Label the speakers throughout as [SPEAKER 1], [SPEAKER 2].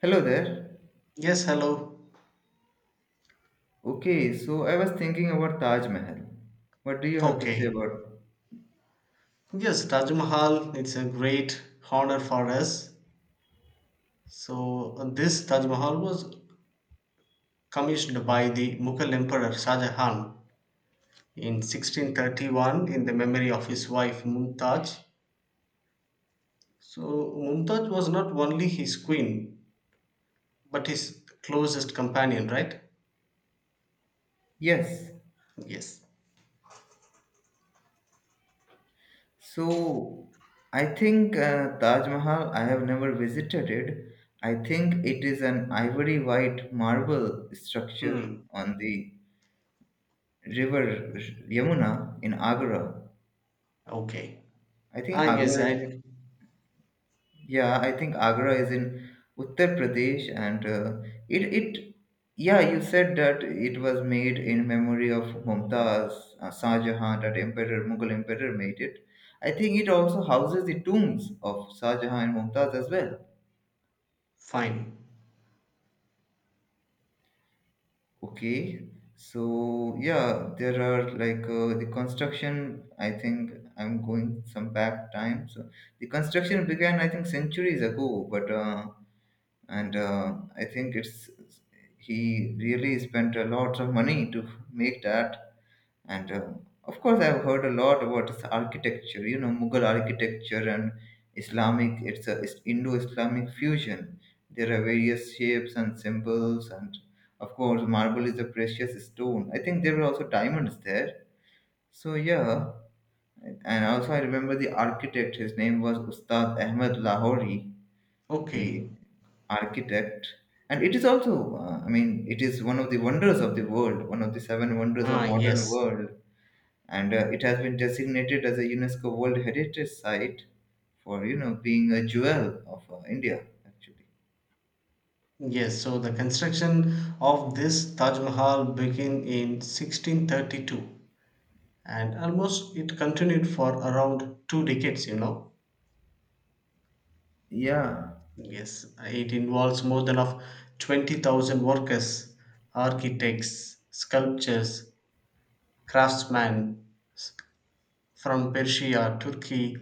[SPEAKER 1] Hello there.
[SPEAKER 2] Yes, hello.
[SPEAKER 1] Okay, so I was thinking about Taj Mahal. What do you have to say
[SPEAKER 2] Okay.
[SPEAKER 1] about?
[SPEAKER 2] Yes, Taj Mahal, it's a great honor for us. So, this Taj Mahal was commissioned by the Mughal Emperor Shah Jahan in 1631 in the memory of his wife Mumtaz. So, Mumtaz was not only his queen, but his closest companion, right?
[SPEAKER 1] Yes.
[SPEAKER 2] Yes.
[SPEAKER 1] So I think Taj Mahal. I have never visited it. I think it is an ivory white marble structure
[SPEAKER 2] Hmm.
[SPEAKER 1] on the river Yamuna in Agra.
[SPEAKER 2] Okay.
[SPEAKER 1] I think
[SPEAKER 2] Ah, yes,
[SPEAKER 1] Agra is
[SPEAKER 2] I.
[SPEAKER 1] yeah, I think Agra is in Uttar Pradesh, and it yeah, you said that it was made in memory of Mumtaz, Shah Jahan, that emperor, Mughal emperor made it. I think it also houses the tombs of Shah Jahan and Mumtaz as well.
[SPEAKER 2] Fine.
[SPEAKER 1] Okay, so yeah, there are like the construction. I think I'm going some back time. So the construction began, I think, centuries ago, but. And I think it's he really spent a lot of money to make that. And of course, I've heard a lot about his architecture. You know, Mughal architecture and Islamic. It's Indo-Islamic fusion. There are various shapes and symbols, and of course, marble is a precious stone. I think there were also diamonds there. So yeah, and also I remember the architect. His name was Ustad Ahmed Lahori, the
[SPEAKER 2] Okay.
[SPEAKER 1] architect. And it is also I mean, it is one of the wonders of the world, one of the seven wonders of
[SPEAKER 2] Ah,
[SPEAKER 1] modern
[SPEAKER 2] yes.
[SPEAKER 1] world, and it has been designated as a UNESCO world heritage site for you know being a jewel of India actually.
[SPEAKER 2] Yes, so the construction of this Taj Mahal began in 1632 and almost it continued for around two decades.
[SPEAKER 1] Yeah.
[SPEAKER 2] Yes, it involves more than of 20,000 workers, architects, sculptors, craftsmen from Persia, Turkey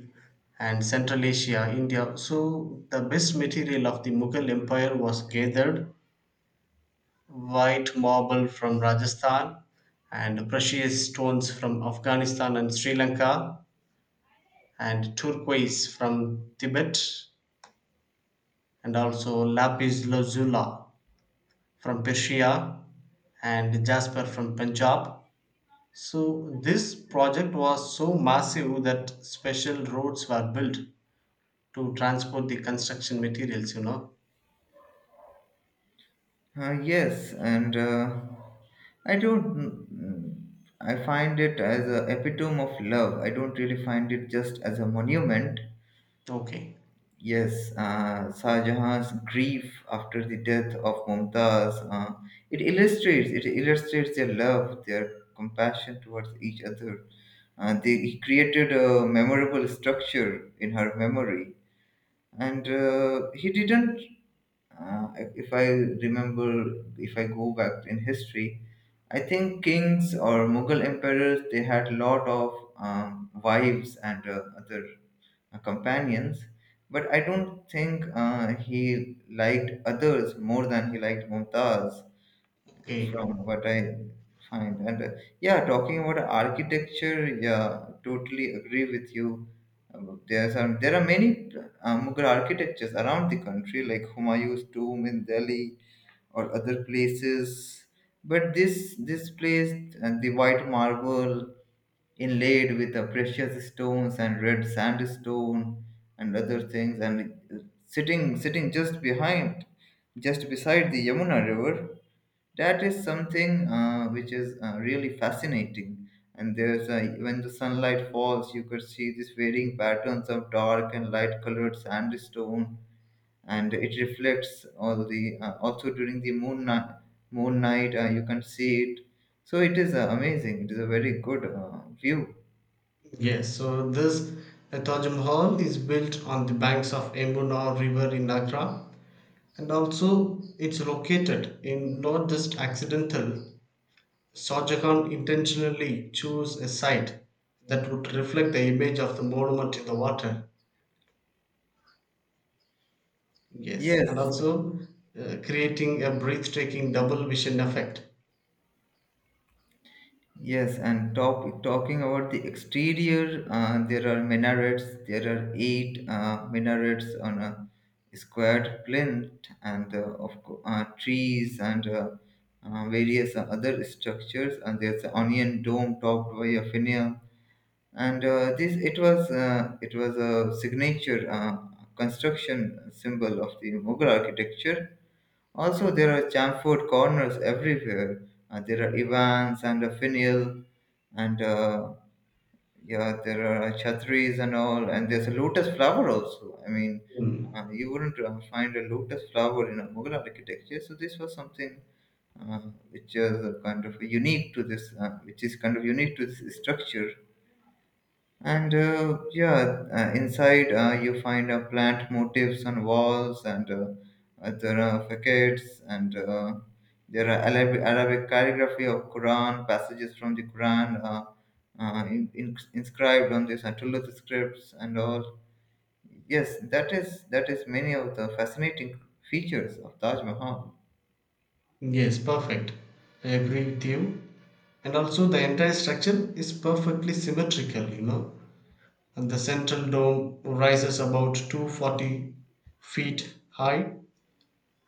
[SPEAKER 2] and Central Asia, India. So the best material of the Mughal Empire was gathered white marble from Rajasthan, and precious stones from Afghanistan and Sri Lanka, and turquoise from Tibet, and also lapis lazuli from Persia, and jasper from Punjab. So, this project was so massive that special roads were built to transport the construction materials.
[SPEAKER 1] yes and I don't mm, mm, I find it as a epitome of love. I don't really find it just as a monument.
[SPEAKER 2] Okay,
[SPEAKER 1] Yes, Shah Jahan's grief after the death of Mumtaz, it illustrates their love, their compassion towards each other. He created a memorable structure in her memory, and he didn't. Uh, if I remember, if I go back in history, I think kings or Mughal emperors they had lot of wives and other companions, but I don't think he liked others more than he liked Mumtaz,
[SPEAKER 2] okay.
[SPEAKER 1] from what I find. And yeah, talking about architecture, yeah, totally agree with you. Uh, there are many Mughal architectures around the country, like Humayun's tomb in Delhi, or other places. But this place, and the white marble inlaid with the precious stones and red sandstone and other things, and sitting just behind, just beside the Yamuna River, that is something which is really fascinating, and there's a, when the sunlight falls you could see these varying patterns of dark and light colored sandstone, and it reflects all the also during the moon night you can see it. So it is amazing, it is a very good view.
[SPEAKER 2] Yes, so this Taj Mahal is built on the banks of Yamuna River in Agra, and also it's located in not just accidental. Shah Jahan intentionally chose a site that would reflect the image of the monument in the water. Yes, and
[SPEAKER 1] Yes,
[SPEAKER 2] also creating a breathtaking double vision effect.
[SPEAKER 1] yes, and talking about the exterior, there are minarets, there are eight minarets on a squared plinth, and trees and various other structures, and there's an onion dome topped by a finial, and this it was a signature construction symbol of the Mughal architecture. Also, there are chamfered corners everywhere. There are Ivans and a finial, and yeah, there are chatris and all, and there's a lotus flower also. I mean,
[SPEAKER 2] Mm.
[SPEAKER 1] you wouldn't find a lotus flower in a Mughal architecture. So this was something uh, which is kind of unique to this, which is kind of unique to this structure. And inside you find plant motifs on walls, and there are facades, and there are Arabic calligraphy of Quran, passages from the Quran, inscribed on these Atullah scripts and all. Yes, that is many of the fascinating features of Taj Mahal.
[SPEAKER 2] Yes, perfect. I agree with you. And also, the entire structure is perfectly symmetrical. And The central dome rises about 240 feet high,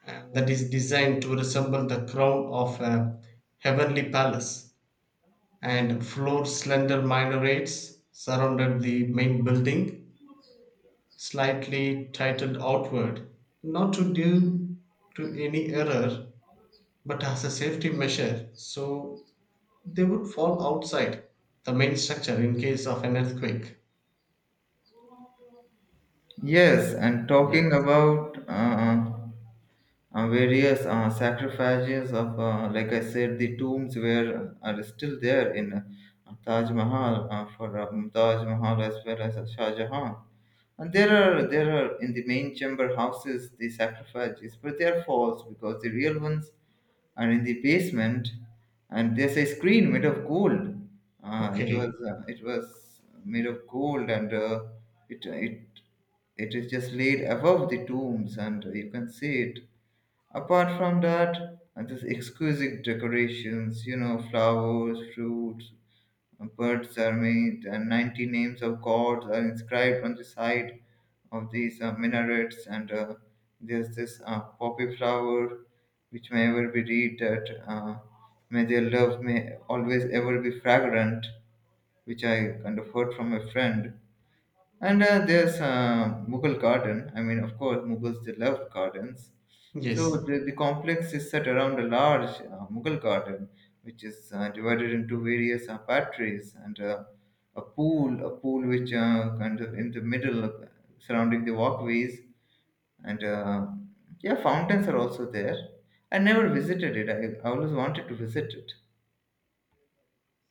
[SPEAKER 2] and that is designed to resemble the crown of a heavenly palace, and four slender minarets surrounded the main building, slightly tilted outward, not to due to any error, but as a safety measure, so they would fall outside the main structure in case of an earthquake.
[SPEAKER 1] Yes, and talking
[SPEAKER 2] Yes.
[SPEAKER 1] about various sacrifices of, like I said, the tombs were are still there in Taj Mahal for Mumtaz Mahal as well as Shah Jahan. And there are in the main chamber houses the sacrifices, but they are false because the real ones are in the basement, and there's a screen made of gold.
[SPEAKER 2] Okay.
[SPEAKER 1] It was made of gold, and it it it is just laid above the tombs, and you can see it. Apart from that, this exquisite decorations, you know, flowers, fruits, birds are made, and 90 names of gods are inscribed on the side of these minarets, and there's this poppy flower which may ever be read that may their love may always ever be fragrant, which I kind of heard from a friend. And there's Mughal garden. I mean, of course, Mughals they loved gardens, so
[SPEAKER 2] Yes.
[SPEAKER 1] the complex is set around a large Mughal garden, which is divided into various batteries, and a pool which kind of in the middle of, surrounding the walkways, and yeah, fountains are also there. I never visited it. I always wanted to visit it.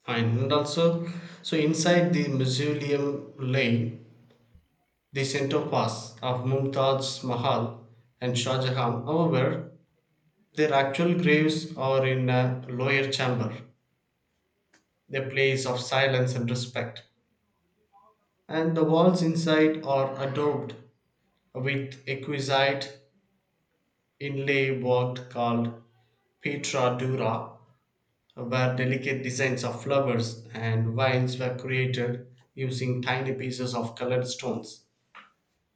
[SPEAKER 2] Fine, and also, so inside the mausoleum lay the center parts of Mumtaz Mahal and Shah Jahan. However, their actual graves are in a lower chamber, a place of silence and respect, and the walls inside are adorned with exquisite inlay work called Petra Dura, where delicate designs of flowers and vines were created using tiny pieces of colored stones.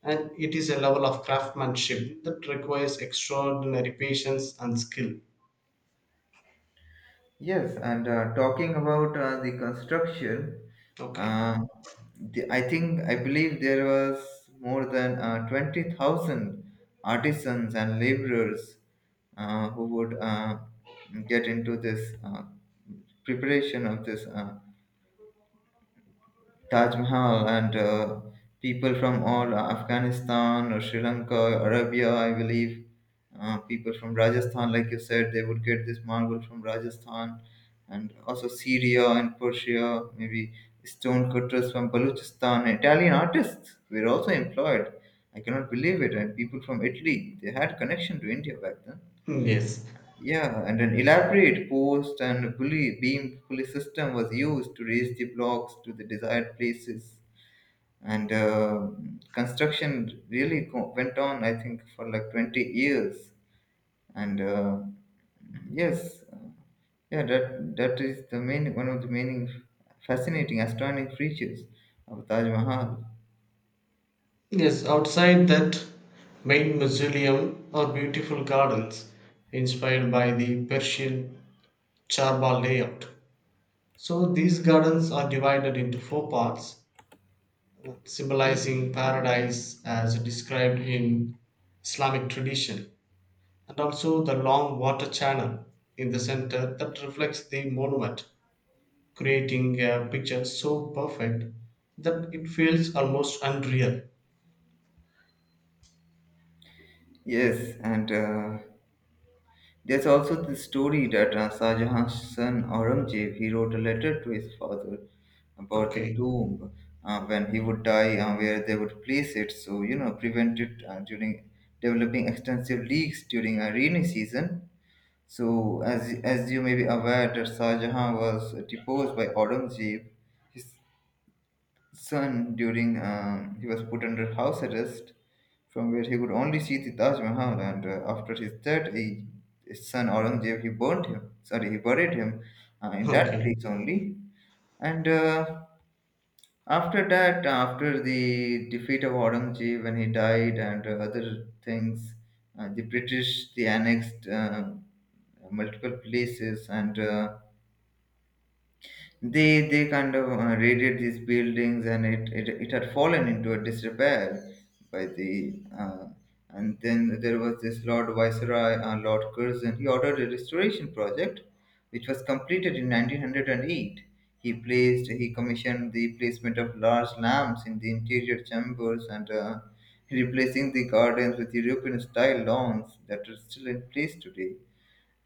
[SPEAKER 2] And it is a level of craftsmanship that requires extraordinary patience and skill.
[SPEAKER 1] Yes, and talking about the construction,
[SPEAKER 2] Okay.
[SPEAKER 1] uh, I think I believe there was more than 20,000 artisans and laborers who would get into this preparation of this Taj Mahal. And people from all Afghanistan or Sri Lanka, Arabia, I believe, people from Rajasthan, like you said, they would get this marble from Rajasthan, and also Syria and Persia, maybe stone cutters from Balochistan. Italian artists were also employed. I cannot believe it. And people from Italy, they had connection to India back then.
[SPEAKER 2] Mm, yes.
[SPEAKER 1] Yeah, and an elaborate post and pulley beam pulley system was used to raise the blocks to the desired places, and construction really went on, I think, for like 20 years, and yes uh, yeah, that is the main, one of the main fascinating astounding features of Taj Mahal.
[SPEAKER 2] Yes, outside that main mausoleum are beautiful gardens inspired by the Persian Charbagh layout. So these gardens are divided into four parts, symbolizing paradise as described in Islamic tradition, and also the long water channel in the center that reflects the monument, creating a picture so perfect that it feels almost unreal.
[SPEAKER 1] Yes, and there's also the story that Shah Jahan's son Aurangzeb he wrote a letter to his father about the
[SPEAKER 2] Okay,
[SPEAKER 1] tomb, when he would die and where they would place it. So you know, prevent it during developing extensive leaks during a rainy season. So as you may be aware that Shah Jahan was deposed by Aurangzeb, his son during he was put under house arrest from where he could only see the Taj Mahal, and after his death he, his son Aurangzeb he buried him in that
[SPEAKER 2] okay,
[SPEAKER 1] place only. And after that, after the defeat of Aurangzeb when he died and other things, the British they annexed multiple places, and they kind of raided these buildings, and it had fallen into a disrepair by the and then there was this lord Curzon, he ordered a restoration project which was completed in 1908. He placed, he commissioned the placement of large lamps in the interior chambers, and replacing the gardens with European style lawns that are still in place today.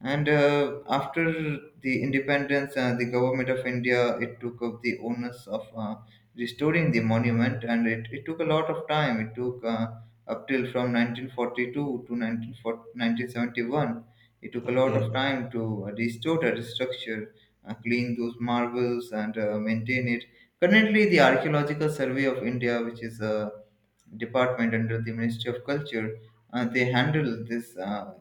[SPEAKER 1] And after the independence, the government of India it took up the onus of restoring the monument, and it took a lot of time. It took up till from 1942 to 1940. It took a lot of
[SPEAKER 2] okay.
[SPEAKER 1] time to restore that structure, clean those marbles, and maintain it. Currently, the Archaeological Survey of India, which is a department under the Ministry of Culture, they handle this. Uh,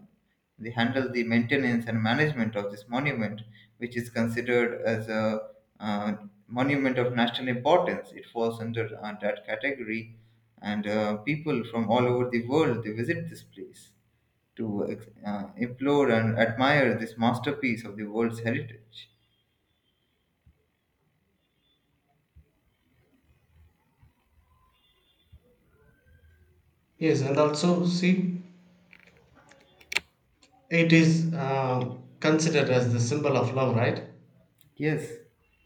[SPEAKER 1] they handle the maintenance and management of this monument, which is considered as a uh, monument of national importance. It falls under that category, and people from all over the world they visit this place to implore and admire this masterpiece of the world's heritage.
[SPEAKER 2] Yes, and also see, it is considered as the symbol of love, right?
[SPEAKER 1] Yes,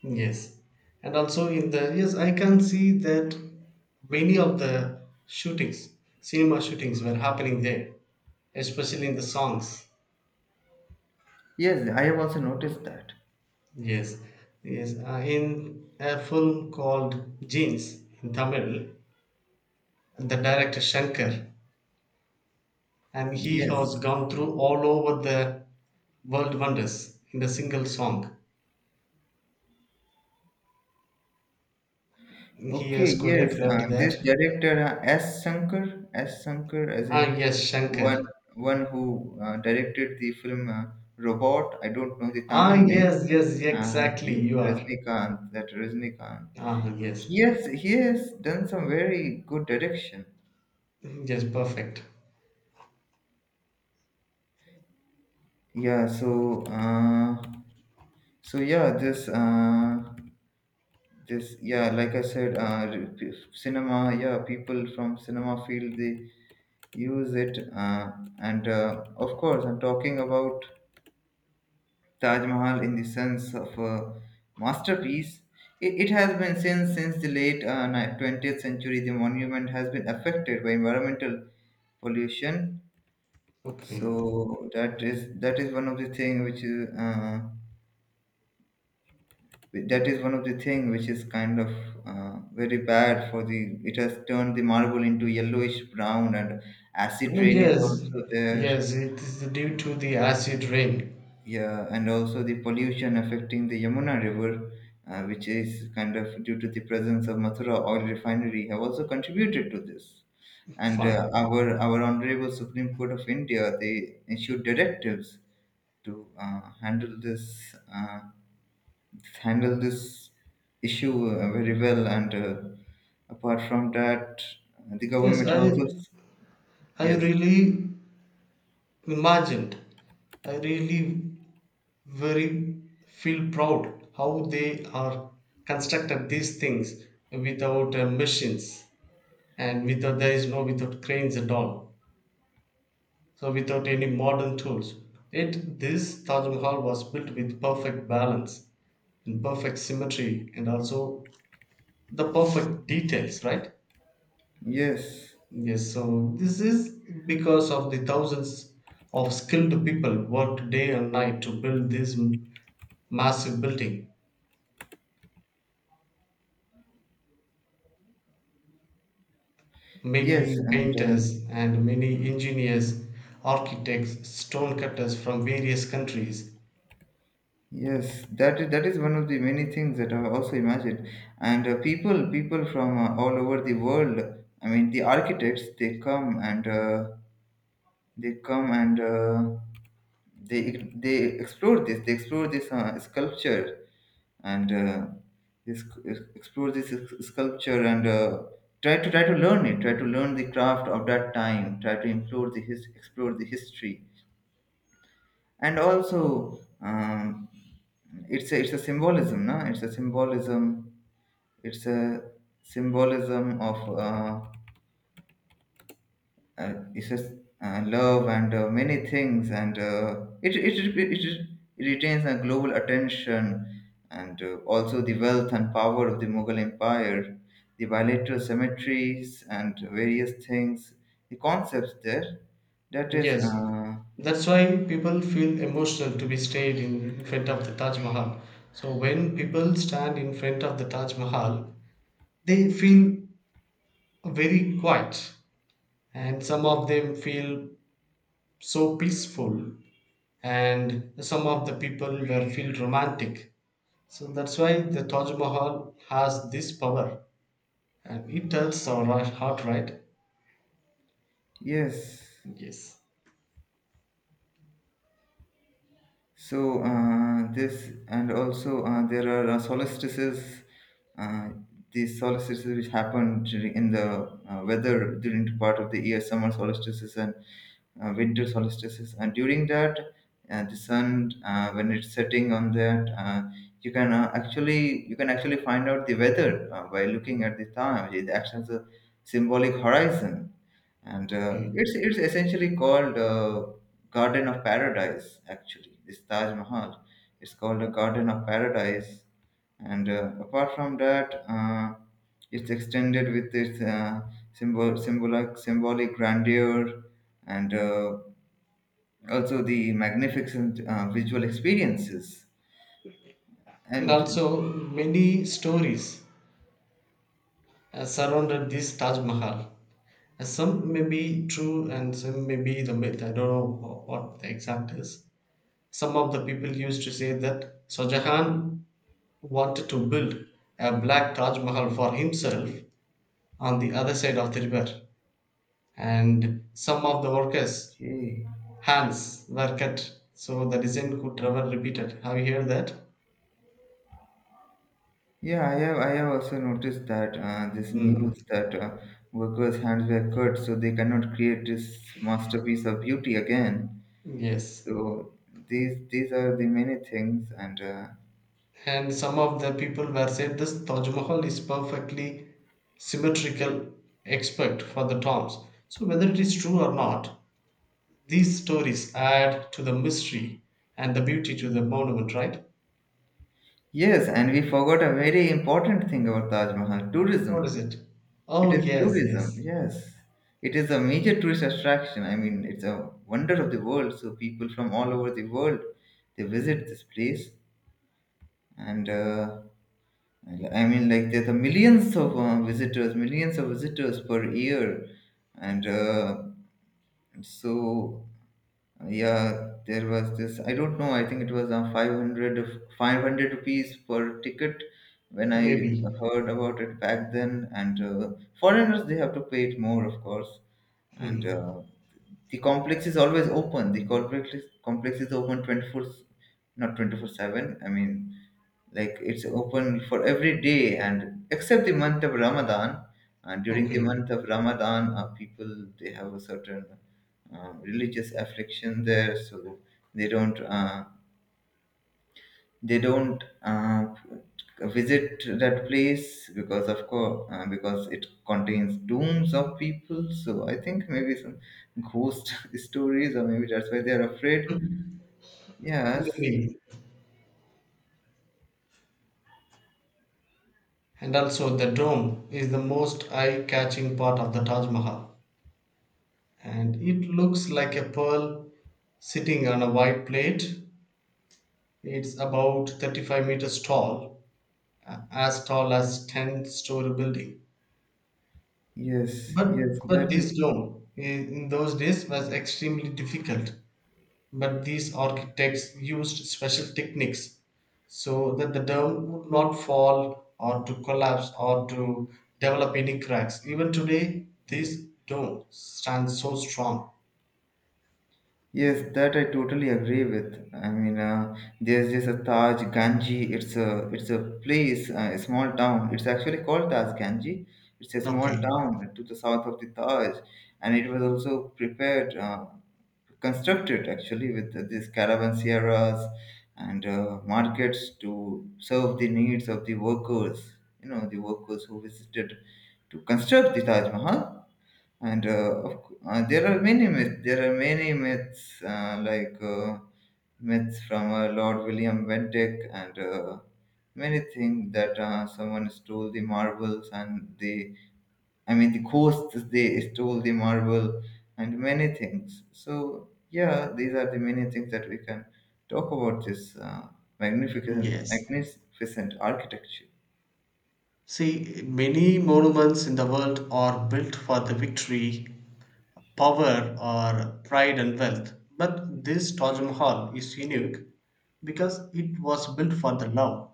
[SPEAKER 2] Yes, and also in the yes, I can see that many of the shootings, cinema shootings, were happening there, especially in the songs.
[SPEAKER 1] yes, I have also noticed that.
[SPEAKER 2] Yes, yes. In a film called Jeans in Tamil, the director Shankar, and he has
[SPEAKER 1] Yes,
[SPEAKER 2] gone through all over the world wonders in a single song. He
[SPEAKER 1] okay,
[SPEAKER 2] has
[SPEAKER 1] yes,
[SPEAKER 2] choreographed that.
[SPEAKER 1] this director S. Shankar, as
[SPEAKER 2] Ah,
[SPEAKER 1] in
[SPEAKER 2] yes, Shankar.
[SPEAKER 1] one, one who directed the film Robot. I don't know the
[SPEAKER 2] Ah,
[SPEAKER 1] Tamil name.
[SPEAKER 2] yes, yes, exactly.
[SPEAKER 1] The
[SPEAKER 2] You are.
[SPEAKER 1] Rajnikant, that Rajnikant.
[SPEAKER 2] Ah, yes,
[SPEAKER 1] He has done some very good direction.
[SPEAKER 2] yes, perfect.
[SPEAKER 1] Yeah. So yeah, this. Just yeah, like I said, cinema, yeah, people from cinema field they use it, and of course I'm talking about Taj Mahal in the sense of a masterpiece. It has been since the late 20th century. The monument has been affected by environmental pollution.
[SPEAKER 2] Okay.
[SPEAKER 1] So that is one of the thing which is uh, that is one of the thing which is kind of very bad for the, it has turned the marble into yellowish brown, and acid
[SPEAKER 2] Ah,
[SPEAKER 1] rain is
[SPEAKER 2] yes,
[SPEAKER 1] also there.
[SPEAKER 2] yes. It is due to the acid rain.
[SPEAKER 1] Yeah, and also the pollution affecting the Yamuna river, which is kind of due to the presence of Mathura oil refinery have also contributed to this. And
[SPEAKER 2] Fine.
[SPEAKER 1] our honorable Supreme Court of India, they issued directives to handle this, handled this issue very well. And apart from that, the
[SPEAKER 2] Yes,
[SPEAKER 1] government
[SPEAKER 2] I,
[SPEAKER 1] also,
[SPEAKER 2] I
[SPEAKER 1] yes,
[SPEAKER 2] really imagined. I really very feel proud how they are constructed these things without machines, and without, there is no, without cranes at all, so without any modern tools, it, this Taj Mahal was built with perfect balance and perfect symmetry, and also the perfect details, right?
[SPEAKER 1] yes,
[SPEAKER 2] Yes, so this is because of the thousands of skilled people worked day and night to build this massive building.
[SPEAKER 1] yes,
[SPEAKER 2] Many
[SPEAKER 1] and
[SPEAKER 2] painters and many engineers, architects, stonecutters from various countries.
[SPEAKER 1] yes, that is one of the many things that I also imagined. And uh, people from all over the world. I mean, the architects, they come and. They come and they explore this. They explore this sculpture, and this explore this sculpture, and uh, try to learn it. Try to learn the craft of that time. Try to explore the history. And also, it's a symbolism. No, it's a symbolism. It's a symbolism of, it says love and many things, and uh, it retains a global attention, and also the wealth and power of the Mughal empire, the bilateral cemeteries and various things, the concepts there, that is.
[SPEAKER 2] Yes, that's why people feel emotional to be stayed in front of the Taj Mahal. So when people stand in front of the Taj Mahal, they feel very quiet, and some of them feel so peaceful, and some of the people were feel romantic. So that's why the Taj Mahal has this power. And it tells our heart, right?
[SPEAKER 1] Yes.
[SPEAKER 2] Yes.
[SPEAKER 1] So this, and also there are solstices, uh, these solstices which happen during in the weather during the part of the year, summer solstices and winter solstices, and during that, the sun, when it's setting on that, you can actually you can actually find out the weather by looking at the time. It acts as a symbolic horizon, and uh,
[SPEAKER 2] Okay.
[SPEAKER 1] it's it's essentially called, Garden of Paradise. Actually, this Taj Mahal, it's called a Garden of Paradise. And apart from that, it's extended with its uh, symbolic grandeur, and also the magnificent visual experiences.
[SPEAKER 2] And
[SPEAKER 1] And
[SPEAKER 2] also many stories surrounded this Taj Mahal. Some may be true and some may be the myth. I don't know what the exact is. Some of the people used to say that Shah Jahan wanted to build a black Taj Mahal for himself on the other side of the river, and some of the workers
[SPEAKER 1] okay.
[SPEAKER 2] hands were cut so the design could never repeated. Have you heard that?
[SPEAKER 1] Yeah, I have also noticed that this
[SPEAKER 2] Hmm.
[SPEAKER 1] news that workers' hands were cut, so they cannot create this masterpiece of beauty again.
[SPEAKER 2] Yes,
[SPEAKER 1] So these are the many things. And
[SPEAKER 2] and some of the people were said this Taj Mahal is perfectly symmetrical, except for the tombs. So whether it is true or not, these stories add to the mystery and the beauty to the monument, right?
[SPEAKER 1] yes, and we forgot a very important thing about Taj Mahal:
[SPEAKER 2] What is
[SPEAKER 1] tourism.
[SPEAKER 2] it?
[SPEAKER 1] It
[SPEAKER 2] Oh
[SPEAKER 1] is
[SPEAKER 2] yes,
[SPEAKER 1] tourism.
[SPEAKER 2] yes,
[SPEAKER 1] Yes, it is a major tourist attraction. I mean, it's a wonder of the world. So people from all over the world, they visit this place. And. Like, I mean, like there's a millions of visitors, millions of visitors per year. And so yeah, there was this. I don't know. I think it was uh, 500 rupees per ticket when I
[SPEAKER 2] maybe.
[SPEAKER 1] heard about it back then. And foreigners, they have to pay it more, of course. And
[SPEAKER 2] Hmm.
[SPEAKER 1] the complex is always open. The complex is open 24, not 24/7. I mean, like it's open for every day and except the month of Ramadan. And during the
[SPEAKER 2] Okay.
[SPEAKER 1] month of Ramadan, people, they have a certain religious affliction there. So they don't uh, they don't visit that place, because of course because it contains tombs of people. So I think maybe some ghost stories, or maybe that's why they are afraid.
[SPEAKER 2] Hmm.
[SPEAKER 1] Yes,
[SPEAKER 2] Maybe. And also the dome is the most eye-catching part of the Taj Mahal, and it looks like a pearl sitting on a white plate. It's about 35 meters tall, as tall as 10-story building.
[SPEAKER 1] yes,
[SPEAKER 2] But
[SPEAKER 1] yes. That
[SPEAKER 2] but
[SPEAKER 1] is,
[SPEAKER 2] this dome in those days was extremely difficult. But these architects used special techniques so that the dome would not fall or to collapse or to develop any cracks. Even today, this dome stands so strong.
[SPEAKER 1] yes, that I totally agree with. I mean, there's just a Taj Ganji. It's a place, a small town. It's actually called Taj Ganji. It's a small
[SPEAKER 2] Okay.
[SPEAKER 1] town to the south of the Taj, and it was also prepared, constructed actually, with these caravanseras and markets to serve the needs of the workers. You know, the workers who visited to construct the Taj Mahal. And there are many myths. There are many myths, like myths from Lord William Bentinck, and many things that someone stole the marbles and the, I mean the ghosts, they stole the marble and many things. So yeah, these are the many things that we can talk about this
[SPEAKER 2] Yes.
[SPEAKER 1] magnificent architecture.
[SPEAKER 2] See, many monuments in the world are built for the victory, power or pride and wealth. But this Taj Mahal is unique because it was built for the love,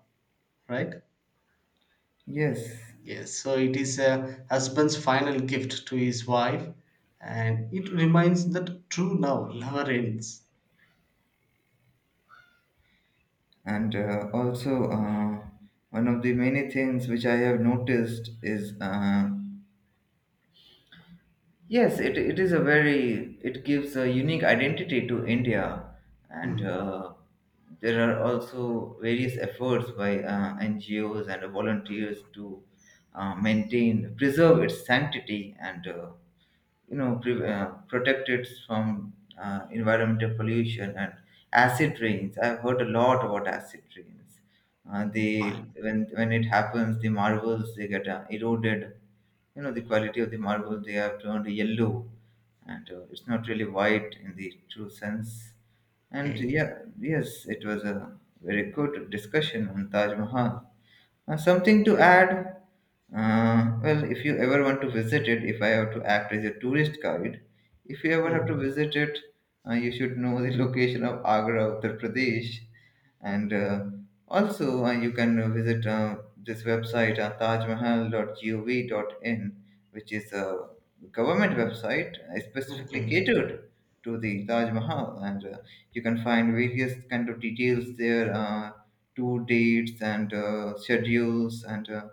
[SPEAKER 2] right?
[SPEAKER 1] Yes.
[SPEAKER 2] Yes, so it is a husband's final gift to his wife, and it reminds that true love never ends.
[SPEAKER 1] And also one of the many things which I have noticed is, yes, it is a very, it gives a unique identity to India. And
[SPEAKER 2] Hmm.
[SPEAKER 1] there are also various efforts by NGOs and volunteers to maintain, preserve its sanctity, and you know, protect it from environmental pollution and acid rains. I've heard a lot about acid rains. They
[SPEAKER 2] Fine.
[SPEAKER 1] When it happens, the marbles, they get eroded. You know, the quality of the marble, they have turned yellow. And it's not really white in the true sense. And
[SPEAKER 2] Okay.
[SPEAKER 1] yeah, yes, it was a very good discussion on Taj Mahal. Something to add? Well, if you ever want to visit it, if I have to act as a tourist guide, if you ever have to
[SPEAKER 2] Hmm.
[SPEAKER 1] visit it, you should know the location of Agra, Uttar Pradesh. And also you can visit this website, tajmahal.gov.in, which is a government website specifically
[SPEAKER 2] Okay.
[SPEAKER 1] catered to the Taj Mahal. And you can find various kind of details there, tour dates and schedules and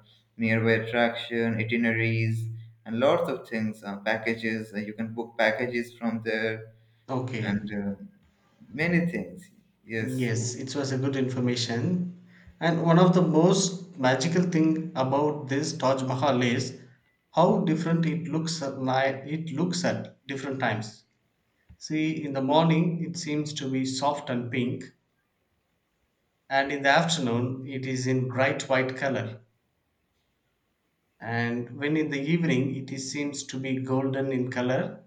[SPEAKER 1] nearby attraction itineraries and lots of things, packages, you can book packages from there.
[SPEAKER 2] Okay.
[SPEAKER 1] And many things. Yes, so
[SPEAKER 2] Yes, it was a good information. And one of the most magical thing about this Taj Mahal is how different it looks at night. It looks at different times. See, in the morning it seems to be soft and pink, and in the afternoon it is in bright white color. And when in the evening it is, seems to be golden in color,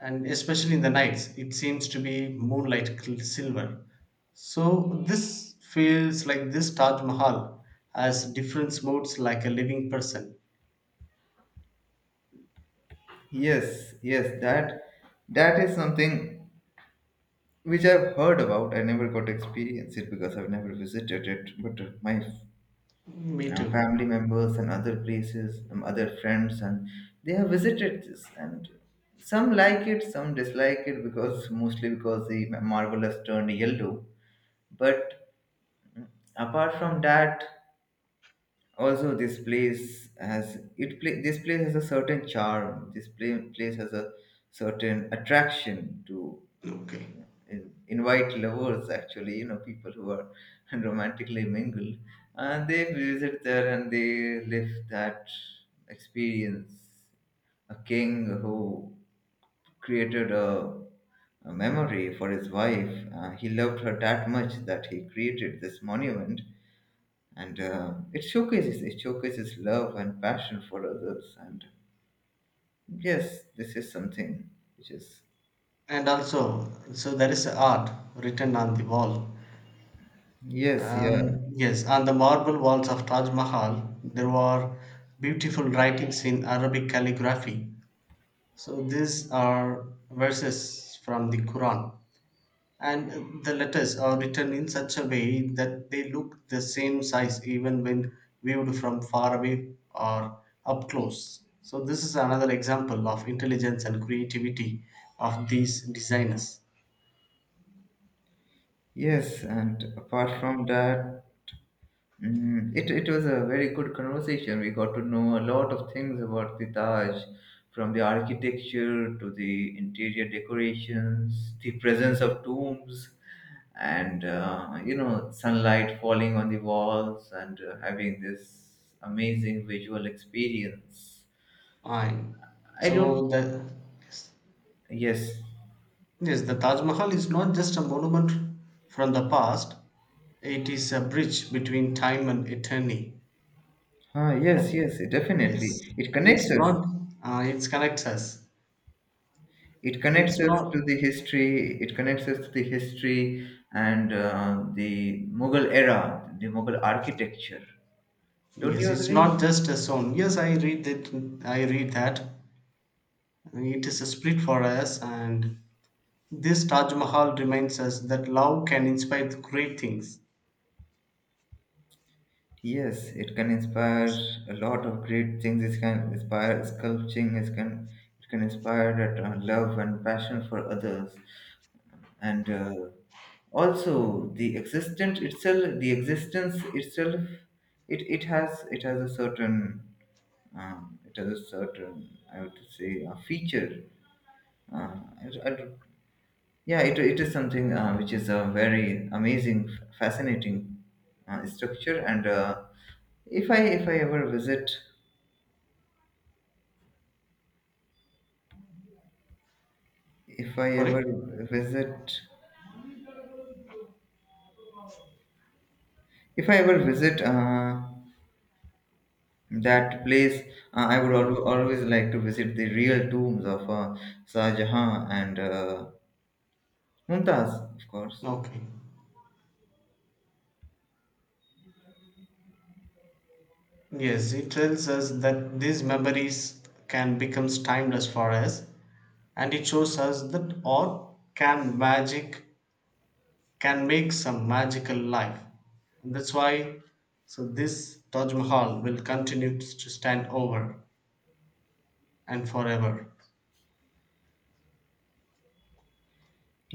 [SPEAKER 2] and especially in the nights it seems to be moonlight silver. So this feels like this Taj Mahal has different moods like a living person.
[SPEAKER 1] yes, yes, that is something which I've heard about. I never got to experience it because I've never visited it. But my,
[SPEAKER 2] Me
[SPEAKER 1] you know,
[SPEAKER 2] too.
[SPEAKER 1] family members and other places, other friends, and they have visited this. And some like it, some dislike it, because mostly because the marble has turned yellow. But apart from that, also this place has it. This place has a certain charm. Place has a certain attraction to,
[SPEAKER 2] Okay,
[SPEAKER 1] invite lovers, actually, you know, people who are romantically mingled, and they visit there, and they live that experience. A king who created a memory for his wife. He loved her that much that he created this monument. And it showcases love and passion for others. And yes, this is something which is,
[SPEAKER 2] and also, so there is art written on the wall.
[SPEAKER 1] yes, yeah,
[SPEAKER 2] Yes, on the marble walls of Taj Mahal there were beautiful writings in Arabic calligraphy. So these are verses from the Quran. And the letters are written in such a way that they look the same size even when viewed from far away or up close. So, this is another example of intelligence and creativity of these designers.
[SPEAKER 1] yes, and apart
[SPEAKER 2] Fine.
[SPEAKER 1] from that, mm, it was a very good conversation. We got to know a lot of things about the Taj, from the architecture to the interior decorations, the presence of tombs, and you know, sunlight falling on the walls and having this amazing visual experience.
[SPEAKER 2] Fine.
[SPEAKER 1] I don't,
[SPEAKER 2] So, the, yes,
[SPEAKER 1] yes,
[SPEAKER 2] yes, the Taj Mahal is not just a monument from the past, it is a bridge between time and eternity.
[SPEAKER 1] ah, yes,
[SPEAKER 2] And
[SPEAKER 1] yes,
[SPEAKER 2] yes,
[SPEAKER 1] definitely. It connects
[SPEAKER 2] it's
[SPEAKER 1] us.
[SPEAKER 2] not, it connects us.
[SPEAKER 1] It connects
[SPEAKER 2] It's
[SPEAKER 1] us to the
[SPEAKER 2] not.
[SPEAKER 1] history. And the Mughal architecture, don't
[SPEAKER 2] Yes,
[SPEAKER 1] you
[SPEAKER 2] it's
[SPEAKER 1] agree?
[SPEAKER 2] not just a song. Yes, I read that. I read that it is a spirit for us, and this Taj Mahal reminds us that love can inspire great things.
[SPEAKER 1] Yes, it can inspire
[SPEAKER 2] Yes.
[SPEAKER 1] a lot of great things. It can inspire sculpting. It can inspire that love and passion for others. And also the existence itself, it has a certain, it has a certain, I would say, a feature. Uh, it- it- yeah, it is something which is a very amazing, fascinating structure. And if I ever visit, if I ever
[SPEAKER 2] Sorry.
[SPEAKER 1] visit, if I ever visit that place, I would
[SPEAKER 2] Mm.
[SPEAKER 1] always like to visit the real tombs of Shah Jahan and Mumtaz, of course.
[SPEAKER 2] Okay. Yes, it tells us that these memories can become timeless for us, and it shows us that art can magic can make some magical life. And that's why, so this Taj Mahal will continue to stand over. And forever.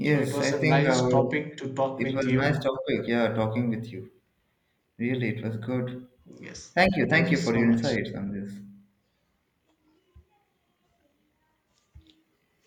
[SPEAKER 2] So it
[SPEAKER 1] I
[SPEAKER 2] was a
[SPEAKER 1] think I
[SPEAKER 2] nice
[SPEAKER 1] will,
[SPEAKER 2] topic to talk
[SPEAKER 1] it
[SPEAKER 2] with
[SPEAKER 1] was nice
[SPEAKER 2] you.
[SPEAKER 1] topic. Yeah, talking with you. Really, it was good.
[SPEAKER 2] Yes.
[SPEAKER 1] Thank you,
[SPEAKER 2] Thank you
[SPEAKER 1] for
[SPEAKER 2] so
[SPEAKER 1] your
[SPEAKER 2] much.
[SPEAKER 1] insights on this.